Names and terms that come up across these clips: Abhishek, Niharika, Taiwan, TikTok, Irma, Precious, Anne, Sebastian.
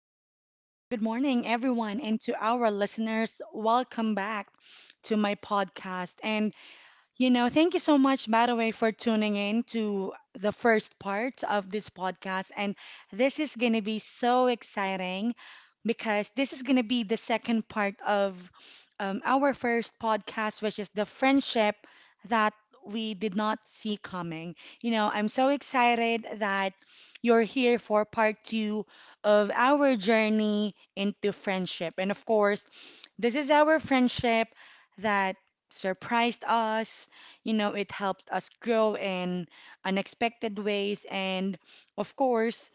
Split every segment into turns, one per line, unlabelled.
good morning, everyone, and to our listeners, welcome back to my podcast. Thank you so much, by the way, for tuning in to the first part of this podcast. And this is going to be so exciting because this is going to be the second part of our first podcast, which is the friendship that we did not see coming. You know, I'm so excited that you're here for part two of our journey into friendship. And of course, this is our friendship that surprised us, you know, it helped us grow in unexpected ways. And of course,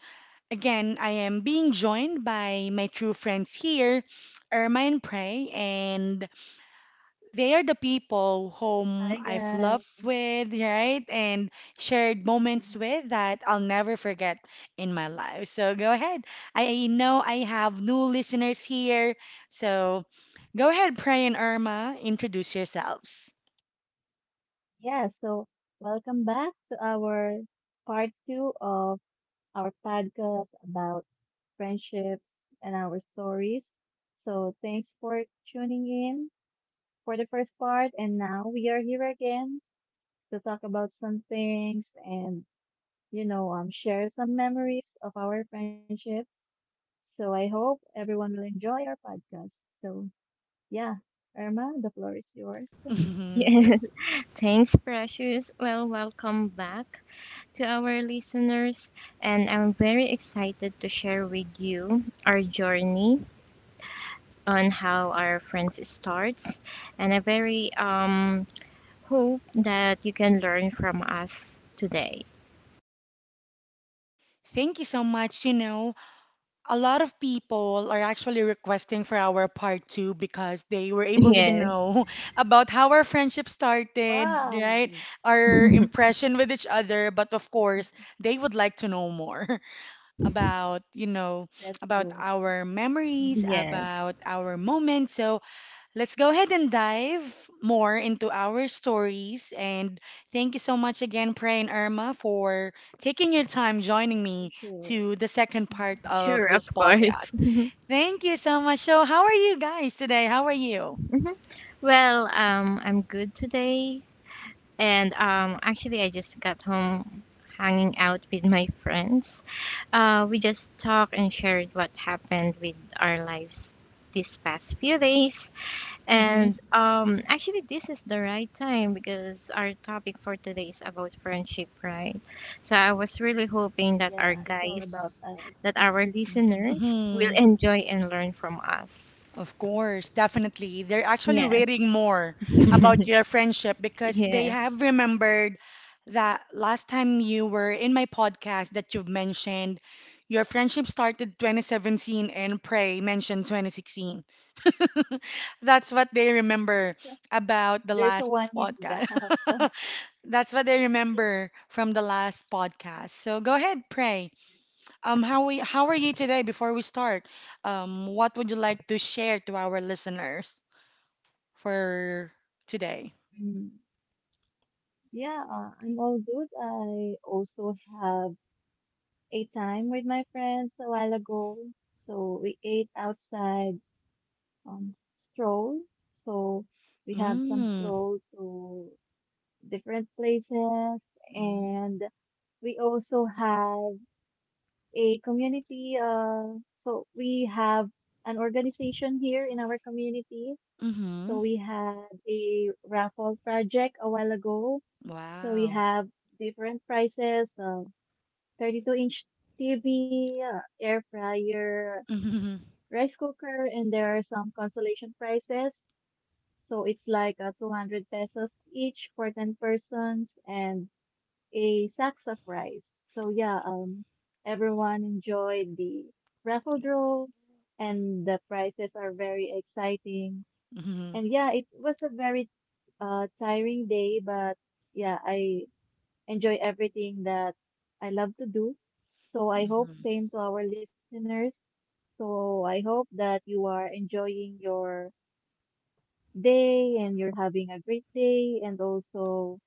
again, I am being joined by my true friends here, Irma and Prey, and they are the people whom
Hi,
I've loved
guys.
with, right? And shared moments
Mhm.
with that I'll never forget in my life. So go ahead. I know I have new listeners here. So go ahead, Prey and Irma, introduce yourselves.
Yeah, so welcome back to our part two of our podcast about friendships and our stories. So thanks for tuning in for the first part, and now we are here again to talk about some things and share some memories of our friendships. So I hope everyone will enjoy our podcast. So yeah, Irma, the floor is yours.
Yeah.
Thanks.
Thanks, Precious. Well, welcome back to our listeners. And I'm very excited to share with you our journey on how our friends starts. And I very hope that you can learn from us today.
Thank you so much. You know, a lot of people are actually requesting for our part two because they were able to
Yes.
know about how our friendship started,
Wow.
right? Our impression with each other. But of course, they would like to know more, about, you know,
That's
about
good.
our memories,
Mhm.
Yes.
about our moments. So let's go ahead and dive more into our stories. And thank you so much again, Pray and Irma, for taking your time joining
For
me
sure.
to the second part
Mhm.
of
Sure, of
this
course.
podcast. Thank you so much. So, how are you guys today? How are you?
Mhm. Well, I'm good today. And actually, I just got home hanging out with my friends. We just talked and shared what happened with our lives these past few days. And actually, this is the right time because our topic for today is about friendship, right? So I was really hoping that
Yeah, it's all about us.
that our
Mhm.
listeners will
Mm-hmm.
enjoy and learn from us.
Of course, definitely. They're actually
Yes,
waiting more about your friendship because they
yes,
have remembered that last time you were in my podcast that you've mentioned your friendship started 2017 and Prey mentioned 2016. That's what they remember about the
There's a
last
one year
podcast.
gap.
That's what they remember from the last podcast. So go ahead, Prey. How are you today? Before we start, what would you like to share to our listeners for today?
Mhm. Yeah, I'm all good. I also have a time with my friends a while ago. So we ate outside stroll. So we have some
Mm,
stroll to different places
mm,
and we also had a community. So we have an organization here in our community.
mm-hmm.
So we had a raffle project a while ago. So we
Wow.
have different prizes: 32-inch TV, air fryer,
Mm-hmm.
rice cooker, and there are some consolation prizes. So it's like 200 pesos each for 10 persons, and a sacks of rice. So yeah, everyone enjoyed the raffle draw, and the prizes are very exciting.
Mm-hmm.
And yeah, it was a very tiring day, but yeah, I enjoy everything that I love to do. So I hope
Mm-hmm.
same to our listeners. So I hope that you are enjoying your day and you're having a great day and also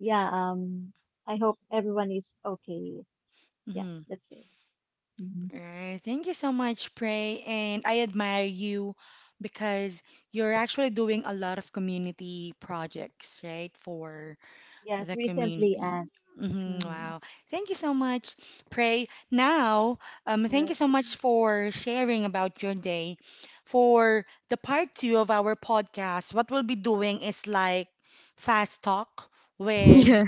yeah I hope everyone is okay. Yeah,
Mm-hmm.
that's it. Hmm.
Alright. Thank you so much, Pray. And I admire you because you're actually doing a lot of community projects, right? For
Yes,
the
recently
community.
and
Hmm
Mm-hmm.
wow. Thank you so much, Pray. Now, thank you
Sure.
so much for sharing about your day. For the part two of our podcast, what we'll be doing is like fast talk with
yes,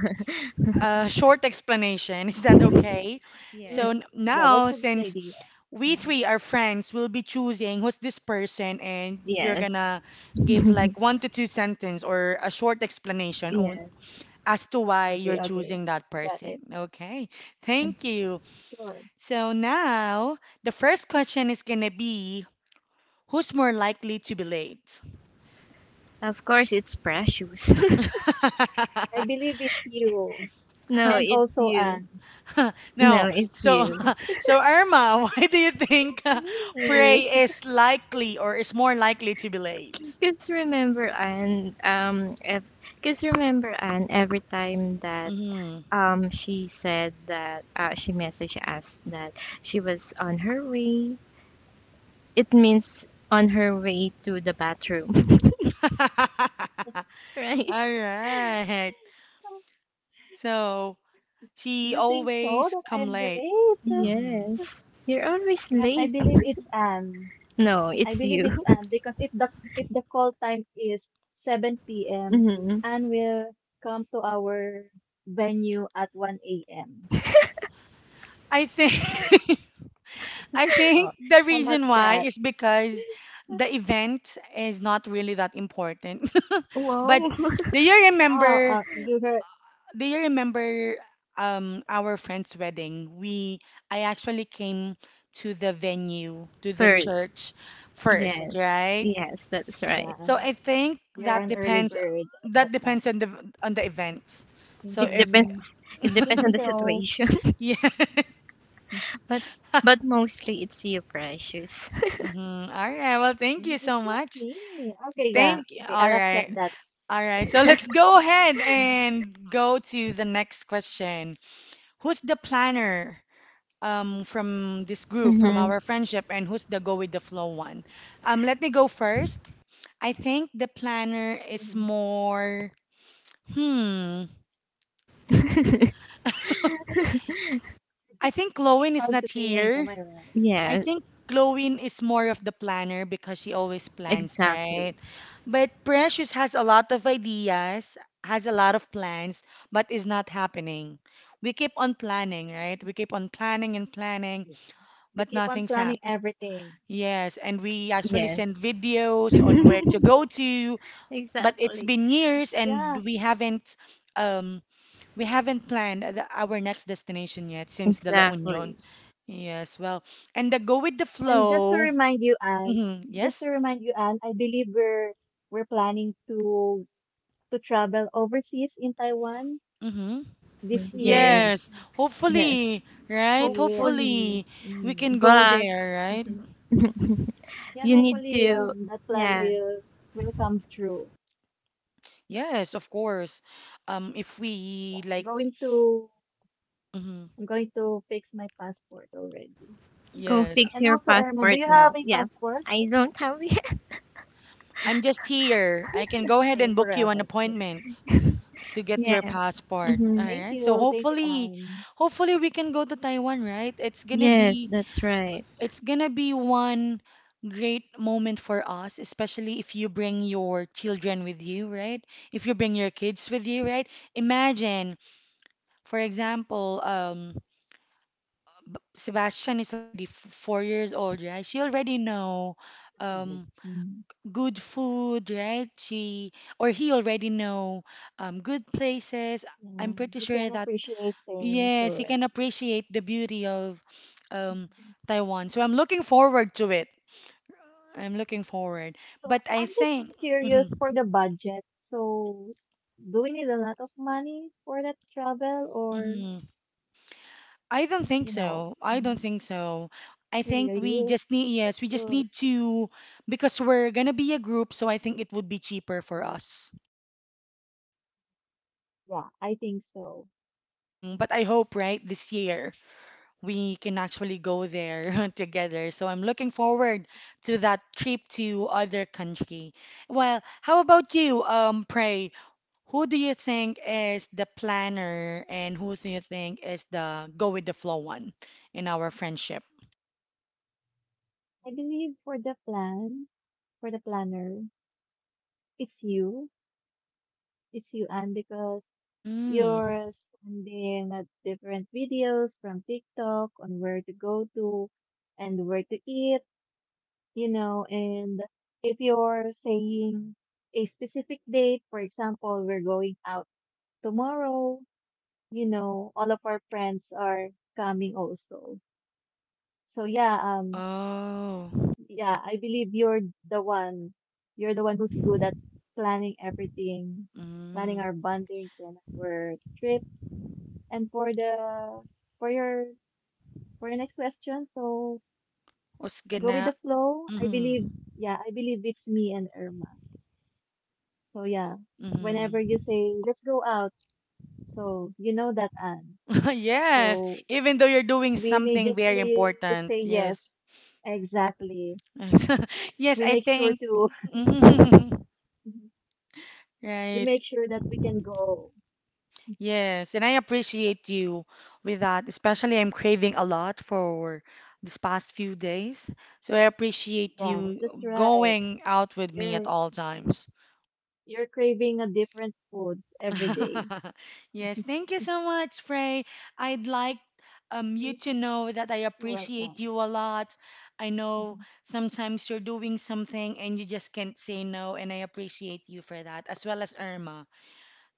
a short explanation. Is that
yes,
okay?
mm,
So
yeah,
now,
that's a good
since
idea.
we
Mhm.
three are friends, we'll be choosing who's this person, and you're
yes,
gonna give like one to two sentence or a short explanation
yes.
as to why
Okay,
you're
okay,
choosing that
got
person.
it.
Okay, thank you.
Sure.
So now the first question is gonna be, who's more likely to be late?
Of course, it's Precious.
I believe it's you,
No,
and
it's
also
you.
Anne.
No,
No, it's
so
you.
so Irma, why do you
It's
think
not me.
Prey is likely or is more likely to be late?
Cause remember, and if, Cause remember, and every time that
Mm.
she said that she messaged us that she was on her way. It means on her way to the bathroom, right?
All right. So she
You think so
always
that
come
I'm
late.
delayed?
Mhm.
Yes. You're always
But I
late.
believe it's Anne.
No,
I
it's
believe
you.
it's Anne because if the call time is 7 p.m.,
hmm
Anne will come to our venue at 1 a.m.
I think I
Oh,
think the
how about
reason why
that?
is because the event is not really that important. But
Wow.
do you
Oh,
remember?
you heard?
Do you remember our friend's wedding? We I actually came to the venue, to the
First.
church first,
Yes.
right?
Yes, that's right.
Yeah,
So I think
you're
that
an early
depends,
bird at that
that depends
time.
on the event. So
It
if,
depends.
Mm,
It
I think
depends on the
so.
situation.
yeah.
But but mostly it's you, Precious.
Mhm. All right. Well, thank
Mhm.
you
It's
so
not
much.
me. Okay, yeah.
Thank you.
Okay, I'll
All
accept
right.
that.
All right,
Okay.
so let's go ahead
Mhm,
and go to the next question. Who's the planner, from this group, from
hmm
our friendship, and who's the go with the flow one? Let me go first. I think the planner is
mhm.
more. Hmm. I think
It's
Lowen is
hard to
not
think, am I
here.
right?
I
Yeah,
think Glowin is more of the planner because she always plans,
exactly.
right? But Precious has a lot of ideas, has a lot of plans, but is not happening. We keep on planning, right? We keep on planning and planning,
Yeah. We
but
keep on
nothing's
planning
happening.
everything.
Yes, and we actually
Yes.
send videos on where to go to, but it's
Exactly.
been years and
Yeah.
um we haven't planned the, our next destination yet since the La Union.
Exactly.
Yes, well, and the go with the
And just to
flow.
remind you, Anne,
Mm-hmm.
just to
Yes.
remind you, Anne, I believe we're planning to travel overseas in Taiwan
Mm-hmm.
this year.
Yes.
Yes.
Yes.
Hopefully, right?
See.
Hopefully.
Hopefully we
Mm.
can go
But
there, right?
Yeah,
you need
hopefully
to
that plan
yeah,
will come true.
Yes, of course. If
Yeah,
we
I'm
like,
going to
hmm
I'm going to fix my passport already.
go
yes.
fix
And
your
also, Irma, do
passport
you have
now.
a
Yeah.
passport?
I don't have it.
I'm just here. I can go ahead
Same
and
for
book
us.
you an appointment to get your
Yeah.
passport.
hmm
All right. So
Thank you,
hopefully,
Anne.
hopefully we can go to Taiwan, right? It's gonna
Yes,
be,
that's right.
it's gonna be one great moment for us, especially if you bring your children with you, right? If you bring your kids with you, right? Imagine, for example, Sebastian is already 4 years old, right? She already know
That's right.
um,
Mhm.
good food, right? She or he already know good places. I'm
Yeah,
pretty
you
sure
can
that
appreciate things
yes, he can
already.
appreciate the beauty of um,
Mhm.
Taiwan. So I'm looking forward to it. I'm looking forward.
So
But I
I'm just
think,
curious
mhm,
for the budget. So do we need a lot of money for that travel, or
mhm. I don't think
you know,
so. I
mhm,
don't think so. I think we
really?
just need, yes,
That's
we just
the
need to, because we're gonna be a group, so I think it would be cheaper for us.
Yeah, I think so.
Mhm. But I hope, right, this year we can actually go there together. So I'm looking forward to that trip to other country. Well, how about you, Pray? Who do you think is the planner and who do you think is the go with the flow one in our friendship?
I believe for the planner, it's you. It's you, and because
Mm.
you're sending out different videos from TikTok on where to go to and where to eat, and if you're saying a specific date, for example, we're going out tomorrow, all of our friends are coming also. So yeah,
Oh.
yeah, I believe you're the one. You're the one who's good at planning everything,
Mm.
planning our bondings and our trips. And for your for your next question, so
What's
go with
gonna,
the flow.
mm.
Yeah, I believe it's me and Irma. So yeah, whenever you
Mm.
say let's go out, so you know that Anne.
Yes,
So
even though you're doing
we
something very
immediately say
important.
yes,
Yes.
exactly. We
Yes,
make
I
sure
think.
to we
Right.
make sure that we can go.
Yes, and I appreciate you with that. Especially, I'm craving a lot for this past few days. So I appreciate
Yes,
you
that's right.
going out with me at
You're
all times.
you're craving a different foods every day.
Yes, thank you so much, Frey. I'd like you
Thank
to
you.
know that I
You're
appreciate
welcome.
you a lot. I know
Mhm.
sometimes you're doing something and you just can't say no, and I appreciate you for that, as well as Irma.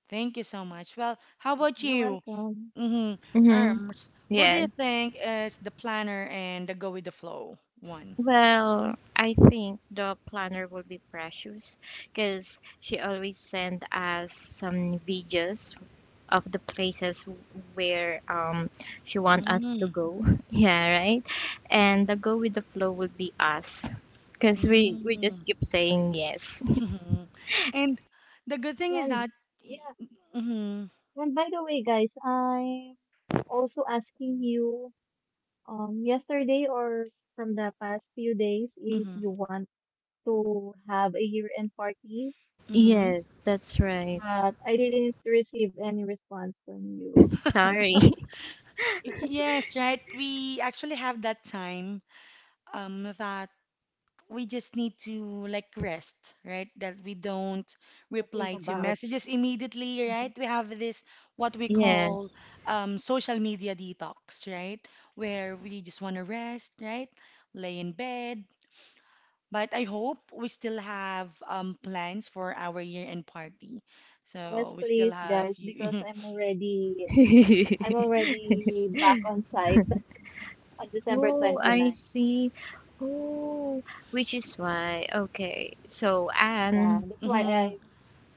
Thank you so much. Well, how about
You're
you?
welcome.
Mm-hmm.
hmm
Erms, who do
Yes.
you think is the planner and the go with the flow one?
Well, I think the planner will be Precious because she always send us some videos of the places where she want us to
Mm,
go. Yeah, right. And the go with the flow will be us because we just
mm,
keep saying yes.
mhm. And the good thing is
And
that,
yeah,
mm-hmm,
and by the way, guys, I'm also asking you yesterday or from the past few days if
mm-hmm,
you want to have a year-end party,
mm-hmm.
Yes, that's right.
but I didn't receive any response from you.
Sorry.
Yes, right. We actually have that time that we just need to like rest, right? That we don't
What to think
reply to
about?
messages immediately,
Mhm.
right? We have this what we
Yeah.
call social media detox, right? Where we just want to rest, right? Lay in bed. But I hope we still have plans for our year-end party.
Yes,
So we still
please,
have
guys, because
you.
I'm already I'm already back on site on December
Oh, I
29th.
see. Oh, which is why. Okay. So
Yeah,
Anne.
that's why
Mm-hmm.
I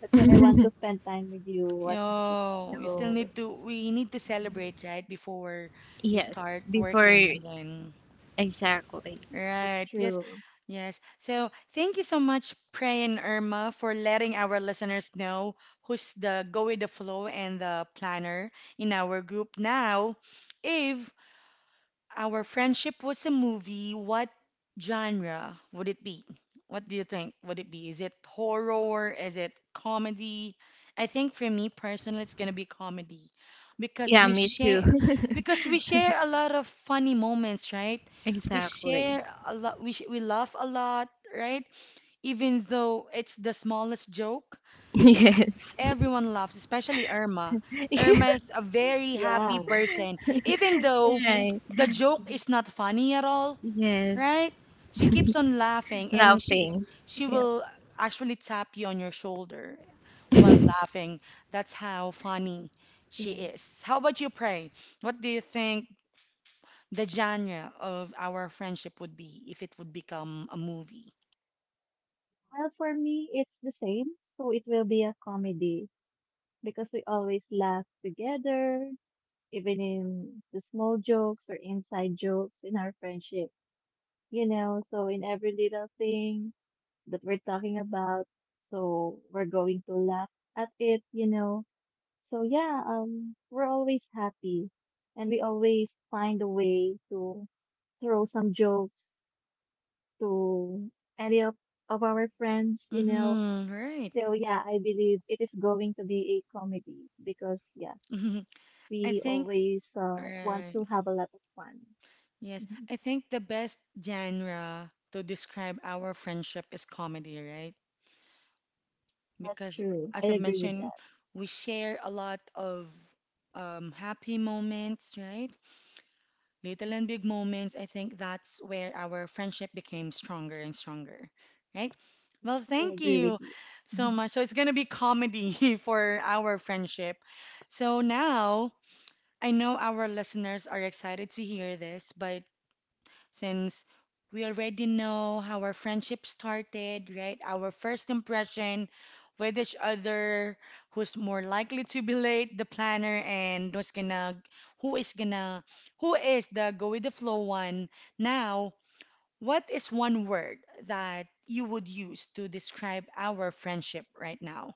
that's why I want to spend time with you as much as
Yo,
possible.
So
we need to
Mhm.
celebrate, right, before you
Yes,
start working
before
again.
exactly.
That's
Right. Yes.
true.
Yes. So thank you so much, Pray and Irma, for letting our listeners know who's the go with the flow and the planner in our group. Now, if our friendship was a movie, what genre would it be? What do you think would it be? Is it horror? Is it comedy? I think for me personally, it's gonna be comedy because
Yeah,
we
me too.
share because we share a lot of funny moments, right? We
Exactly.
share a lot. We laugh a lot, right? Even though it's the smallest joke,
Yes.
everyone loves, especially Irma. Irma is a very happy
Yeah.
person, even though
Right.
the joke
Mhm.
is not funny at all,
Yes.
right? She keeps on laughing and she
Laughing.
she
Yep.
will actually tap you on your shoulder while laughing. That's how funny she
Yeah.
is. How about you, Pray? What do you think the genre of our friendship would be if it would become a movie?
Well, for me, it's the same. So it will be a comedy because we always laugh together, even in the small jokes or inside jokes in our friendship. So in every little thing that we're talking about. So we're going to laugh at it. So yeah, we're always happy and we always find a way to throw some jokes to any of our friends.
Mm-hmm, right.
So yeah, I believe it is going to be a comedy because yeah,
I
we
think,
always want
right.
to have a lot of fun.
Yes,
Mhm.
I think the best genre to describe our friendship is comedy, right?
That's
Because
true. I
as I've
agree with
mentioned,
that.
we share a lot of happy moments, right? Little and big moments. I think that's where our friendship became stronger and stronger, right? Well,
I
thank
agree
you
with you.
so
Mm-hmm.
much. So it's going to be comedy for our friendship. So now I know our listeners are excited to hear this, but since we already know how our friendship started, right? Our first impression with each other, who's more likely to be late, the planner, and who is gonna, who is the go with the flow one. Now, what is one word that you would use to describe our friendship right now?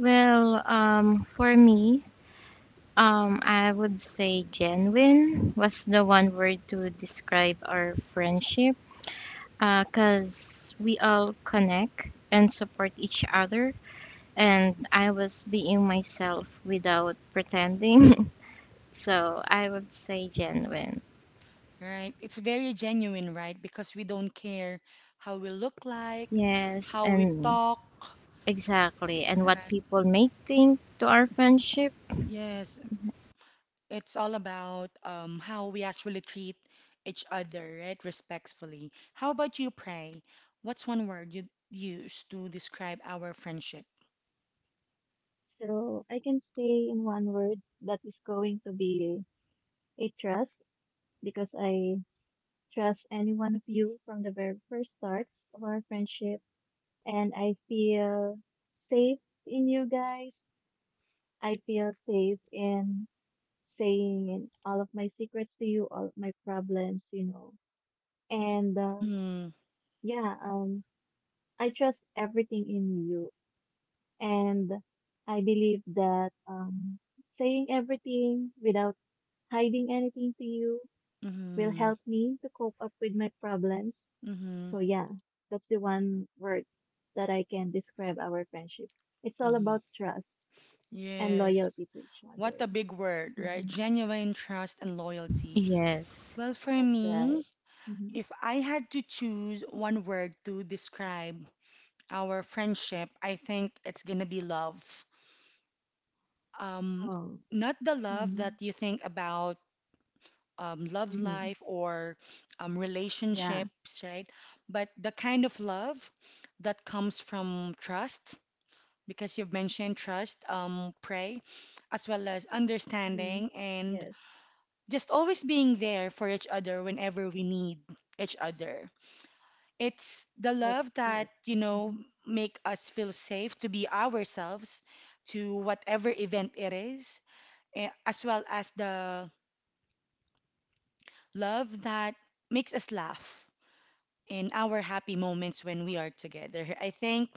Well, for me, I would say genuine was the one word to describe our friendship. Cause we all connect and support each other, and I was being myself without pretending. So I would say genuine.
Right? It's very genuine, right? Because we don't care how we look like,
Yes,
how we
and
talk.
exactly. And what
Right.
people may think to our friendship.
Yes, it's all about how we actually treat each other, right? Respectfully. How about you, Pray? What's one word you use to describe our friendship?
So I can say in one word that is going to be a trust because I trust any one of you from the very first start of our friendship and I feel safe in you guys. I feel safe in saying all of my secrets to you, all of my problems. And um,
Mm-hmm.
yeah, um I trust everything in you. And I believe that saying everything without hiding anything to you will
Mm-hmm.
help me to cope up with my problems.
Mm-hmm.
So, yeah, that's the one word that I can describe our friendship. It's all
Mm-hmm.
about trust and
Yes.
loyalty to each other.
What a big word, right?
Hmm.
Genuine trust and loyalty.
Yes.
Well, for
That's right.
me,
Mhm.
if I had to choose one word to describe our friendship, I think it's gonna be love. Um,
Oh,
not the love
hmm,
that you think about love
hmm,
life or
yeah.
relationships, right? But the kind of love that comes from trust, because you've mentioned trust, pray, as well as
Hmm.
understanding and
Yes,
just always being there for each other whenever we need each other. It's the
that's
love
true.
that
Hmm.
make us feel safe to be ourselves to whatever event it is, as well as the love that makes us laugh in our happy moments when we are together. I think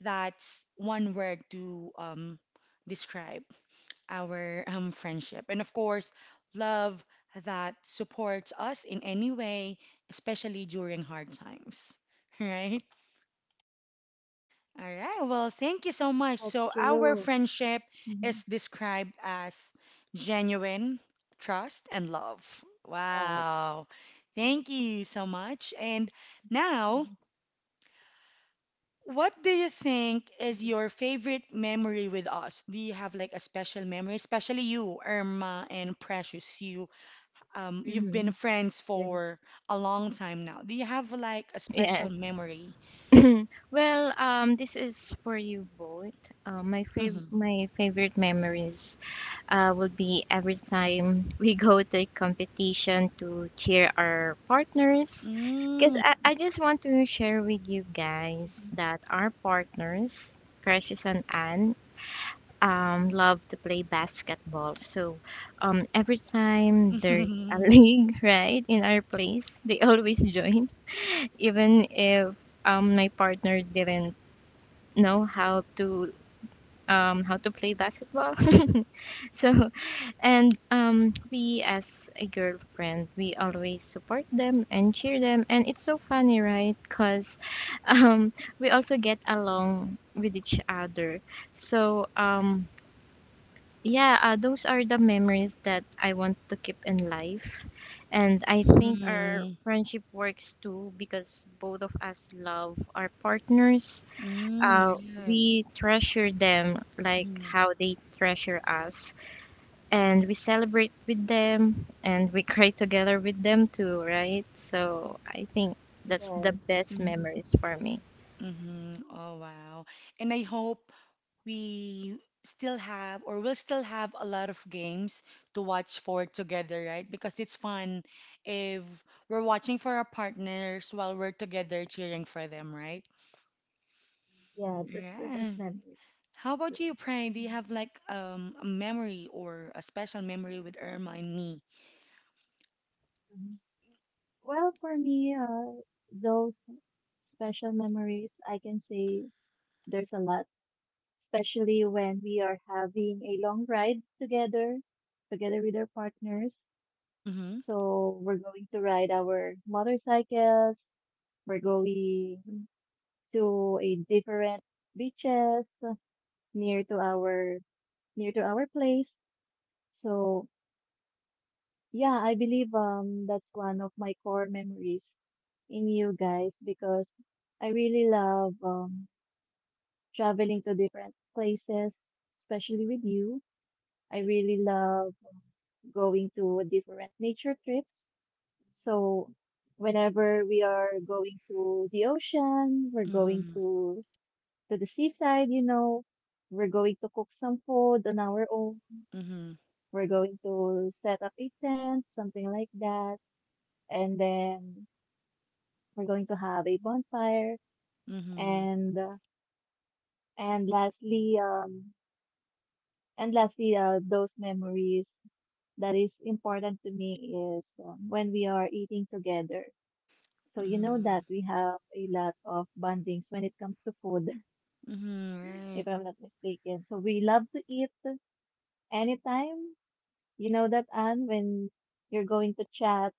that's one word to describe our friendship. And of course, love that supports us in any way, especially during hard times. Right? All right. Well, thank you so much.
That's
So, our
true.
friendship
Hmm.
is described as genuine trust and love.
Yes.
Wow. Thank you so much. And now,
Hmm,
what do you think is your favorite memory with us? Do you have like a special memory, especially you, Irma and Precious? You, you've been
hmm.
friends for
Yes.
a long time now. Do you have like a
Yeah.
special memory?
Well, this is for you both.
Mm-hmm.
My favorite memories would be every time we go to a competition to cheer our partners. Because
Mm-hmm.
I just want to share with you guys
Mhm.
that our partners, Precious and Anne, love to play basketball. So every time there's a league, right, in our place, they always join, even if my partner didn't know how to play basketball. So and we as a girlfriend, we always support them and cheer them, and it's so funny, right? Because um, we also get along with each other. So yeah, those are the memories that I want to keep in life. And I think our
Mm-hmm.
friendship works too because both of us love our partners.
Mm,
Uh,
right.
we treasure them like
Mm-hmm.
how they treasure us. And we celebrate with them and we cry together with them too, right? So I think that's the
Yes.
best
Mhm.
memories for me.
Mm-hmm. Oh, wow. And I hope we still have or will still have a lot of games to watch for together, right? Because it's fun if we're watching for our partners while we're together cheering for them, right?
Yeah, that's the
Yeah.
best memories
How
too.
about you, Prank? Do you
Mhm.
have like a memory or a special memory with Irma and me?
Mhm. Well, for me, those special memories, I can say there's a lot, especially when we are having a long ride together with our partners.
Mm-hmm.
So we're going to ride our motorcycles. We're going to a different beaches near to our near to our place. So yeah, I believe that's one of my core memories in you guys because I really love traveling to different places, especially with you. I really love going to different nature trips. So whenever we are going to the ocean, we're going
Mm-hmm.
to the seaside, we're going to cook some food on our own.
Mm-hmm.
We're going to set up a tent, something like that. And then we're going to have a bonfire
Mm-hmm.
and uh, and lastly um and lastly, those memories that is important to me is when we are eating together. So you know
Mm-hmm.
that we have a lot of bondings when it comes to food,
Mm-hmm.
if
Right.
I'm not mistaken. So we love to eat anytime. You know that Anne, when you're going to chat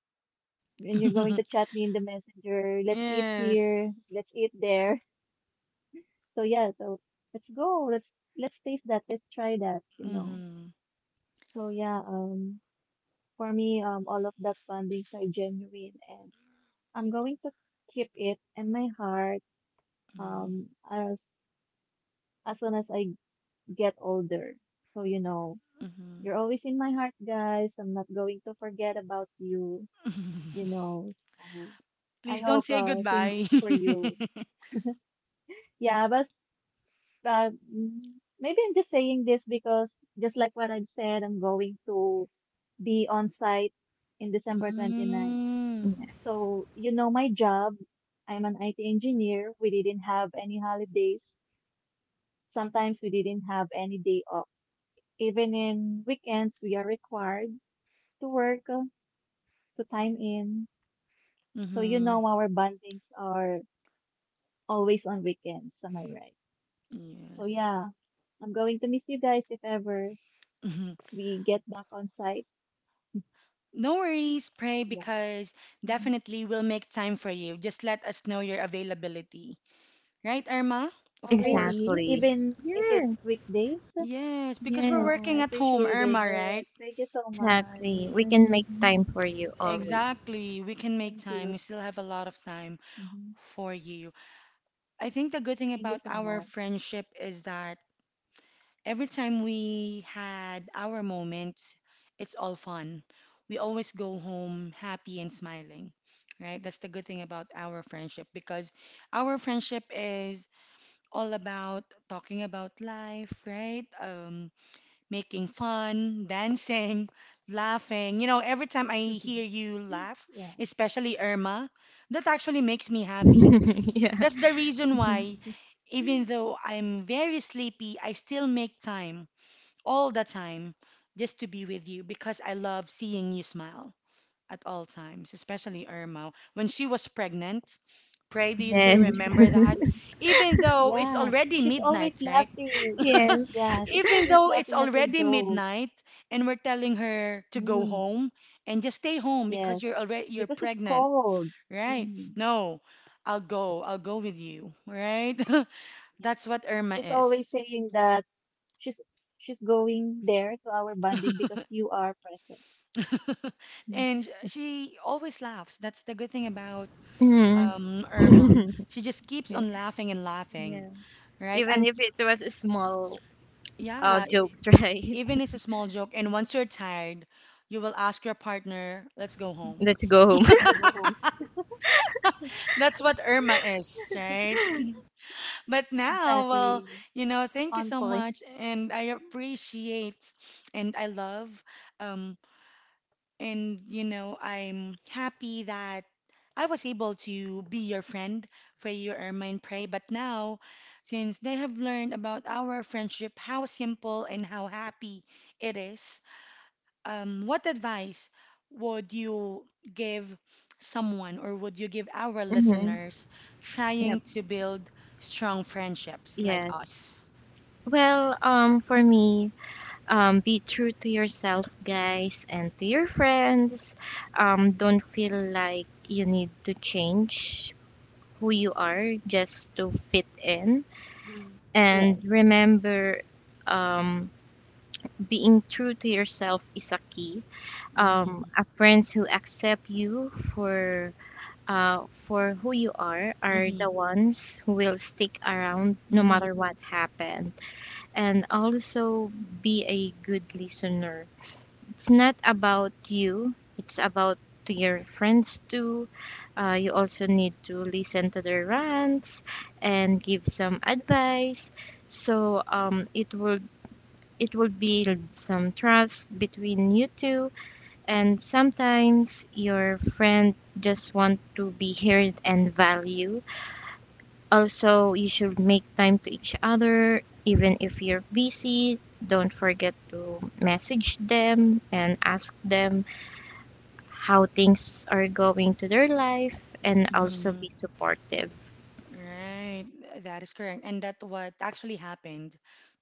when you're going to chat me in the messenger, let's eat
Yes.
here, let's eat there. So yeah, so let's go. Let's taste that. Let's try that, you know.
Mm-hmm.
So yeah, for me, all of that bondings are genuine and I'm going to keep it in my heart um as as soon as I get older. So
Mm-hmm.
you're always in my heart, guys. I'm not going to forget about you, you
Mm-hmm.
know. So I
Please don't
hope
say
same
goodbye.
goes for you. Yeah, but uh, mm, maybe I'm just saying this because just like what I've said, I'm going to be on site in December twenty ninth.
Mm,
So, my job, I'm an IT engineer. We didn't have any holidays. Sometimes we didn't have any day off. Even in weekends, we are required to work, to time in. So,
mm-hmm.
our bondings are always on weekends. Am I right? So,
Yes.
yeah, I'm going to miss you guys if ever
Hmm.
we get back on site.
No worries, pray,
Yeah.
because
Mhm.
definitely we'll make time for you. Just let us know your availability. Right, Irma? Of
Oh,
course.
really?
Exactly.
Even if
Yes,
it's weekdays?
Yes, because we're
yes,
Oh, I
working at home,
appreciate
Irma, right?
it. Thank you so
exactly.
much.
We
Mhm.
can make time for you always.
Exactly. We can make
Thank
time. We
you.
still have a lot of time
Mhm.
for you. I think the good thing
Thank you
about
so
our
much.
friendship is that every time we had our moments, it's all fun. We always go home happy and smiling, right? That's the good thing about our friendship because our friendship is all about talking about life, right? Making fun, dancing, laughing. You know, every time I hear you laugh,
Yeah.
especially Irma, that actually makes me happy.
Yeah.
That's the reason
Mhm.
why, even though I'm very sleepy, I still make time all the time just to be with you because I love seeing you smile at all times, especially Irma. When she was pregnant, pray, do you still
Yes,
remember that? Even though it's
Yeah.
already
She's
midnight,
always
right?
laughing.
yes,
Yeah, she's
Even
always
though it's
laughing at your
already
jokes.
midnight and we're telling her to go
Mm.
home and just stay home because
Yes.
you're
Because it's
pregnant,
cold.
right?
Mm.
No, I'll go with you, right?
Yeah.
That's what Irma
She's always
is.
saying that she's she's going there to our bonding because you are present. Mm-hmm.
And she always laughs. That's the good thing about
Mhm.
Irma. She just keeps
Yeah.
on laughing and laughing,
Yeah.
right?
Even
And
if it was a small
yeah,
joke, right?
even it's a small joke. And once you're tired, you will ask your partner, "Let's go home."
Let's go home.
Go home.
That's what Irma is, right? But now, well,
Exactly.
you know, thank you
On
so
point.
much, and I appreciate and I love um and, you know, I'm happy that I was able to be your friend, for your Ermine pray. But now, since they have learned about our friendship, how simple and how happy it is, what advice would you give someone or would you give our
hmm
listeners trying
Yep.
to build strong friendships like
Yes.
us?
Well, for me, be true to yourself, guys, and to your friends. Don't feel like you need to change who you are just to fit in.
Mhm.
And
Yes.
remember, um, being true to yourself is a key.
Mm-hmm.
A friends who accept you for who you are
Mm-hmm.
the ones who will stick around no
Mm-hmm.
matter what happened, and also be a good listener. It's not about you it's about To your friends too, you also need to listen to their rants and give some advice, so it will build some trust between you two. And sometimes your friend just want to be heard and value. Also, you should make time to each other even if you're busy. Don't forget to message them and ask them how things are going to their life, and also
Mm-hmm.
be supportive.
Right, that is correct. And that's what actually happened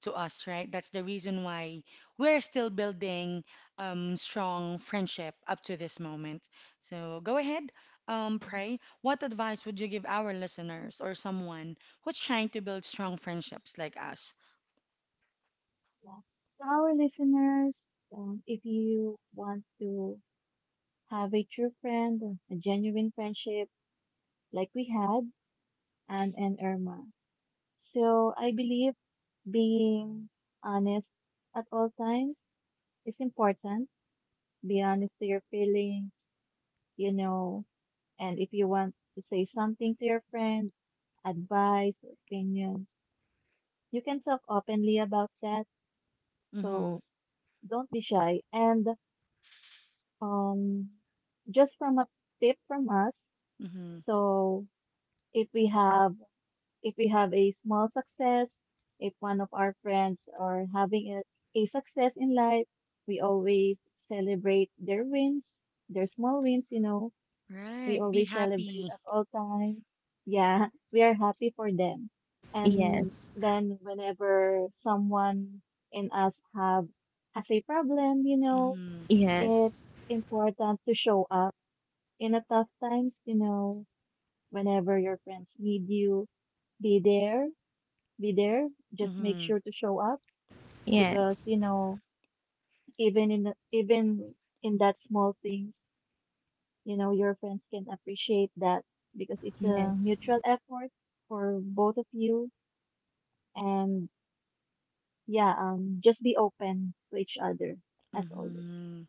to us, right? That's the reason why we're still building strong friendship up to this moment. So go ahead,
Mhm.
pray. What advice would you give our listeners or someone who's trying to build strong friendships like us?
Yeah. To our listeners, if you want to have a true friend, a genuine friendship like we had, Anne and Irma. So I believe being honest at all times is important. Be honest to your feelings, you know, and if you want to say something to your friend, advice, or opinions, you can talk openly about that.
Mm-hmm.
So don't be shy. And um, just from a tip from us.
Mm-hmm.
So if we have if we have a small success, if one of our friends are having a success in life, we always celebrate their wins, their small wins. We
Right, be
always celebrate
happy.
at all times. Yeah, we are happy for them. And
Yes.
then whenever someone in us have has a problem,
Mm-hmm.
Yes.
it's important to show up in a tough times, whenever your friends need you, be there, be there. Just make
Mm-hmm.
sure to show up because, you
Yes.
know, even in that small things you know your friends can appreciate that because it's a
Yes.
mutual effort for both of you and yeah just be open to each other as always.
Mm-hmm.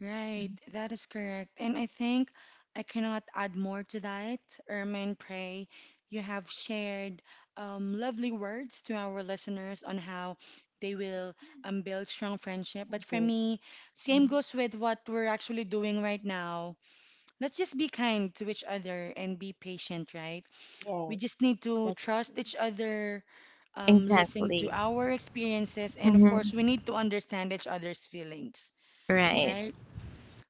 Right,
Mm,
that is correct. And I think I cannot add more to that. Ermine, pray you have shared lovely words to our listeners on how they will build strong friendship. But for
okay.
me, same
Mm,
goes with what we're actually doing right now. Let's just be kind to each other and be patient, right? We just
yes,
need to
that's
trust each other, listen to
Exactly.
our experiences, and of
hmm
course, we need to understand each other's feelings,
Right.
right?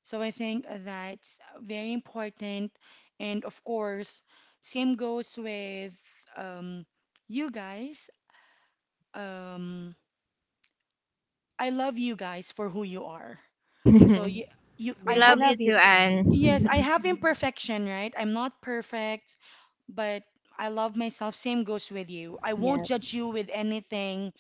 So I think that's very important. And of course, same goes with um, you guys. Um, I love you guys for who you are. So
We
I
we
love
have,
you
love you
too,
too.
yes, I
Anne.
have
Mhm.
imperfection, right? I'm not perfect, but I love myself. Same goes with you. I won't
Yeah.
judge you with anything.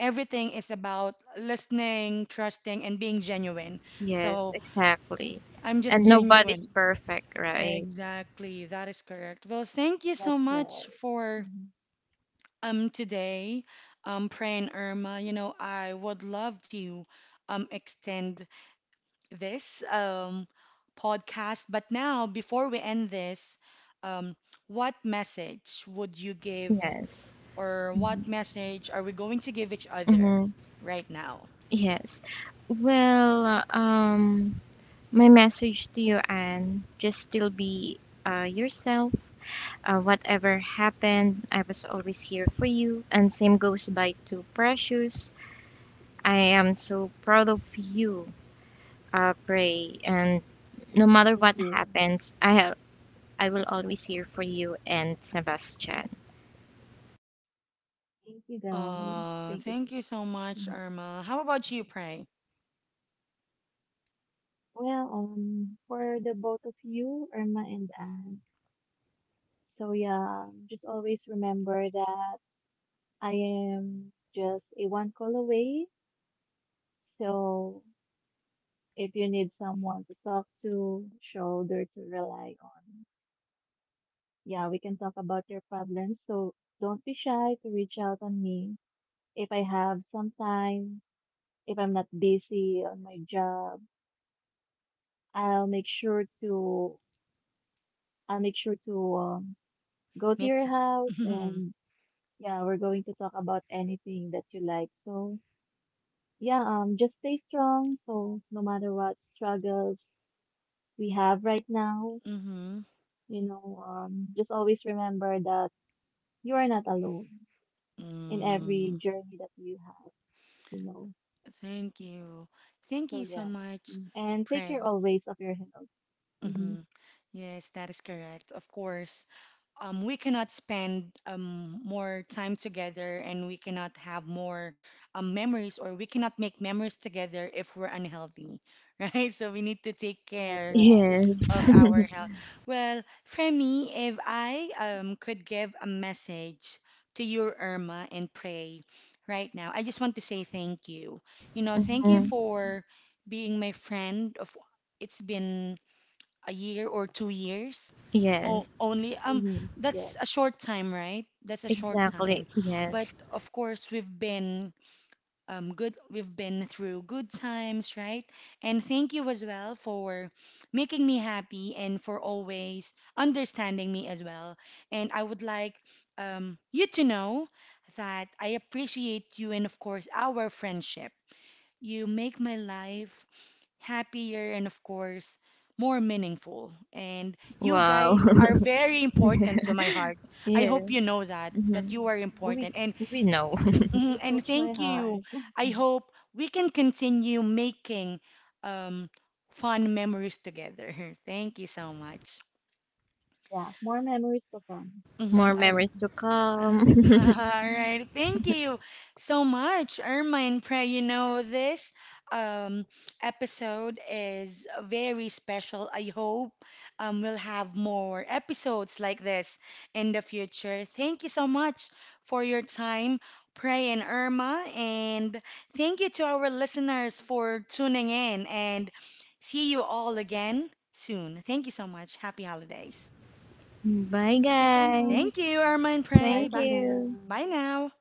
Everything is about listening, trusting, and being genuine.
Yes,
So
exactly.
I'm just
And nobody's
genuine.
perfect, right?
Exactly, that is correct. Well, thank you so
That's
much
right.
for
Mhm.
today, Pran Irma. You know, I would love to extend this podcast, but now before we end this, um what message would you give
Yes.
or what message are we going to give each other
hmm
right now?
Yes. Well, my message to you, Anne, just still be yourself. Whatever happened, I was always here for you. And same goes by to Precious. I am so proud of you, Pray. And no matter what
Thank you,
happens, I will always here for you and Sebastian.
thank you, guys, thank you so
Thank you so
much.
much,
Mm.
Irma. How about you, Pray?
Well, for the both of you, Irma and Anne, so yeah, just always remember that I am just a one call away. So if you need someone to talk to, shoulder to rely on, yeah, we can talk about your problems. So don't be shy to reach out on me. If I have some time, if I'm not busy on my job, I'll make sure to I'll make sure to go to
Make
your
time.
house and yeah, we're going to talk about anything that you like. So yeah, just stay strong. So no matter what struggles we have right now,
Mm-hmm.
just always remember that you are not alone in
Mm.
every journey that you have, you know.
Thank you. Thank
So
you so
yeah,
much,
Mm. and take
Pray.
care always of your health.
Hmm.
Hmm.
Yes, that is correct. Of course, we cannot spend more time together and we cannot have more memories or we cannot make memories together if we're unhealthy, right? So we need to take
That's
care
right.
Yes.
of our health. Well, for me, if I could give a message to you, Irma, and pray right now, I just want to say thank you. You know, thank you
Mhm.
for being my friend of it's been a year or 2 years. Oh,
Yes,
only
Hmm.
that's a
Yes.
short time, right? That's a short
exactly.
time. But
Yes.
of course, we've been good we've been through good times, right? And thank you as well for making me happy and for always understanding me as well, and I would like you to know that I appreciate you and of course our friendship. You make my life happier and of course more meaningful, and you
Wow.
guys are very important to my heart. I
Yeah.
hope you know that
hmm
that you are
We
important.
Mm.
And
we know.
mhm,
You
and
touch
thank
my
you.
heart.
I hope we can continue making um, fun memories together. Thank you so much.
Yeah, more memories to come.
Mm-hmm.
More memories to
Mhm.
come.
All right, thank you so much, Irma and Pray. You know, this um, episode is very special. I hope we'll have more episodes like this in the future. Thank you so much for your time, Pray and Irma, and thank you to our listeners for tuning in. And see you all again soon. Thank you so much. Happy holidays.
Bye
Thank you so
Thank
guys.
much.
you, Irma and Pray.
Bye
Thank
Bye,
for now.
you.
bye now.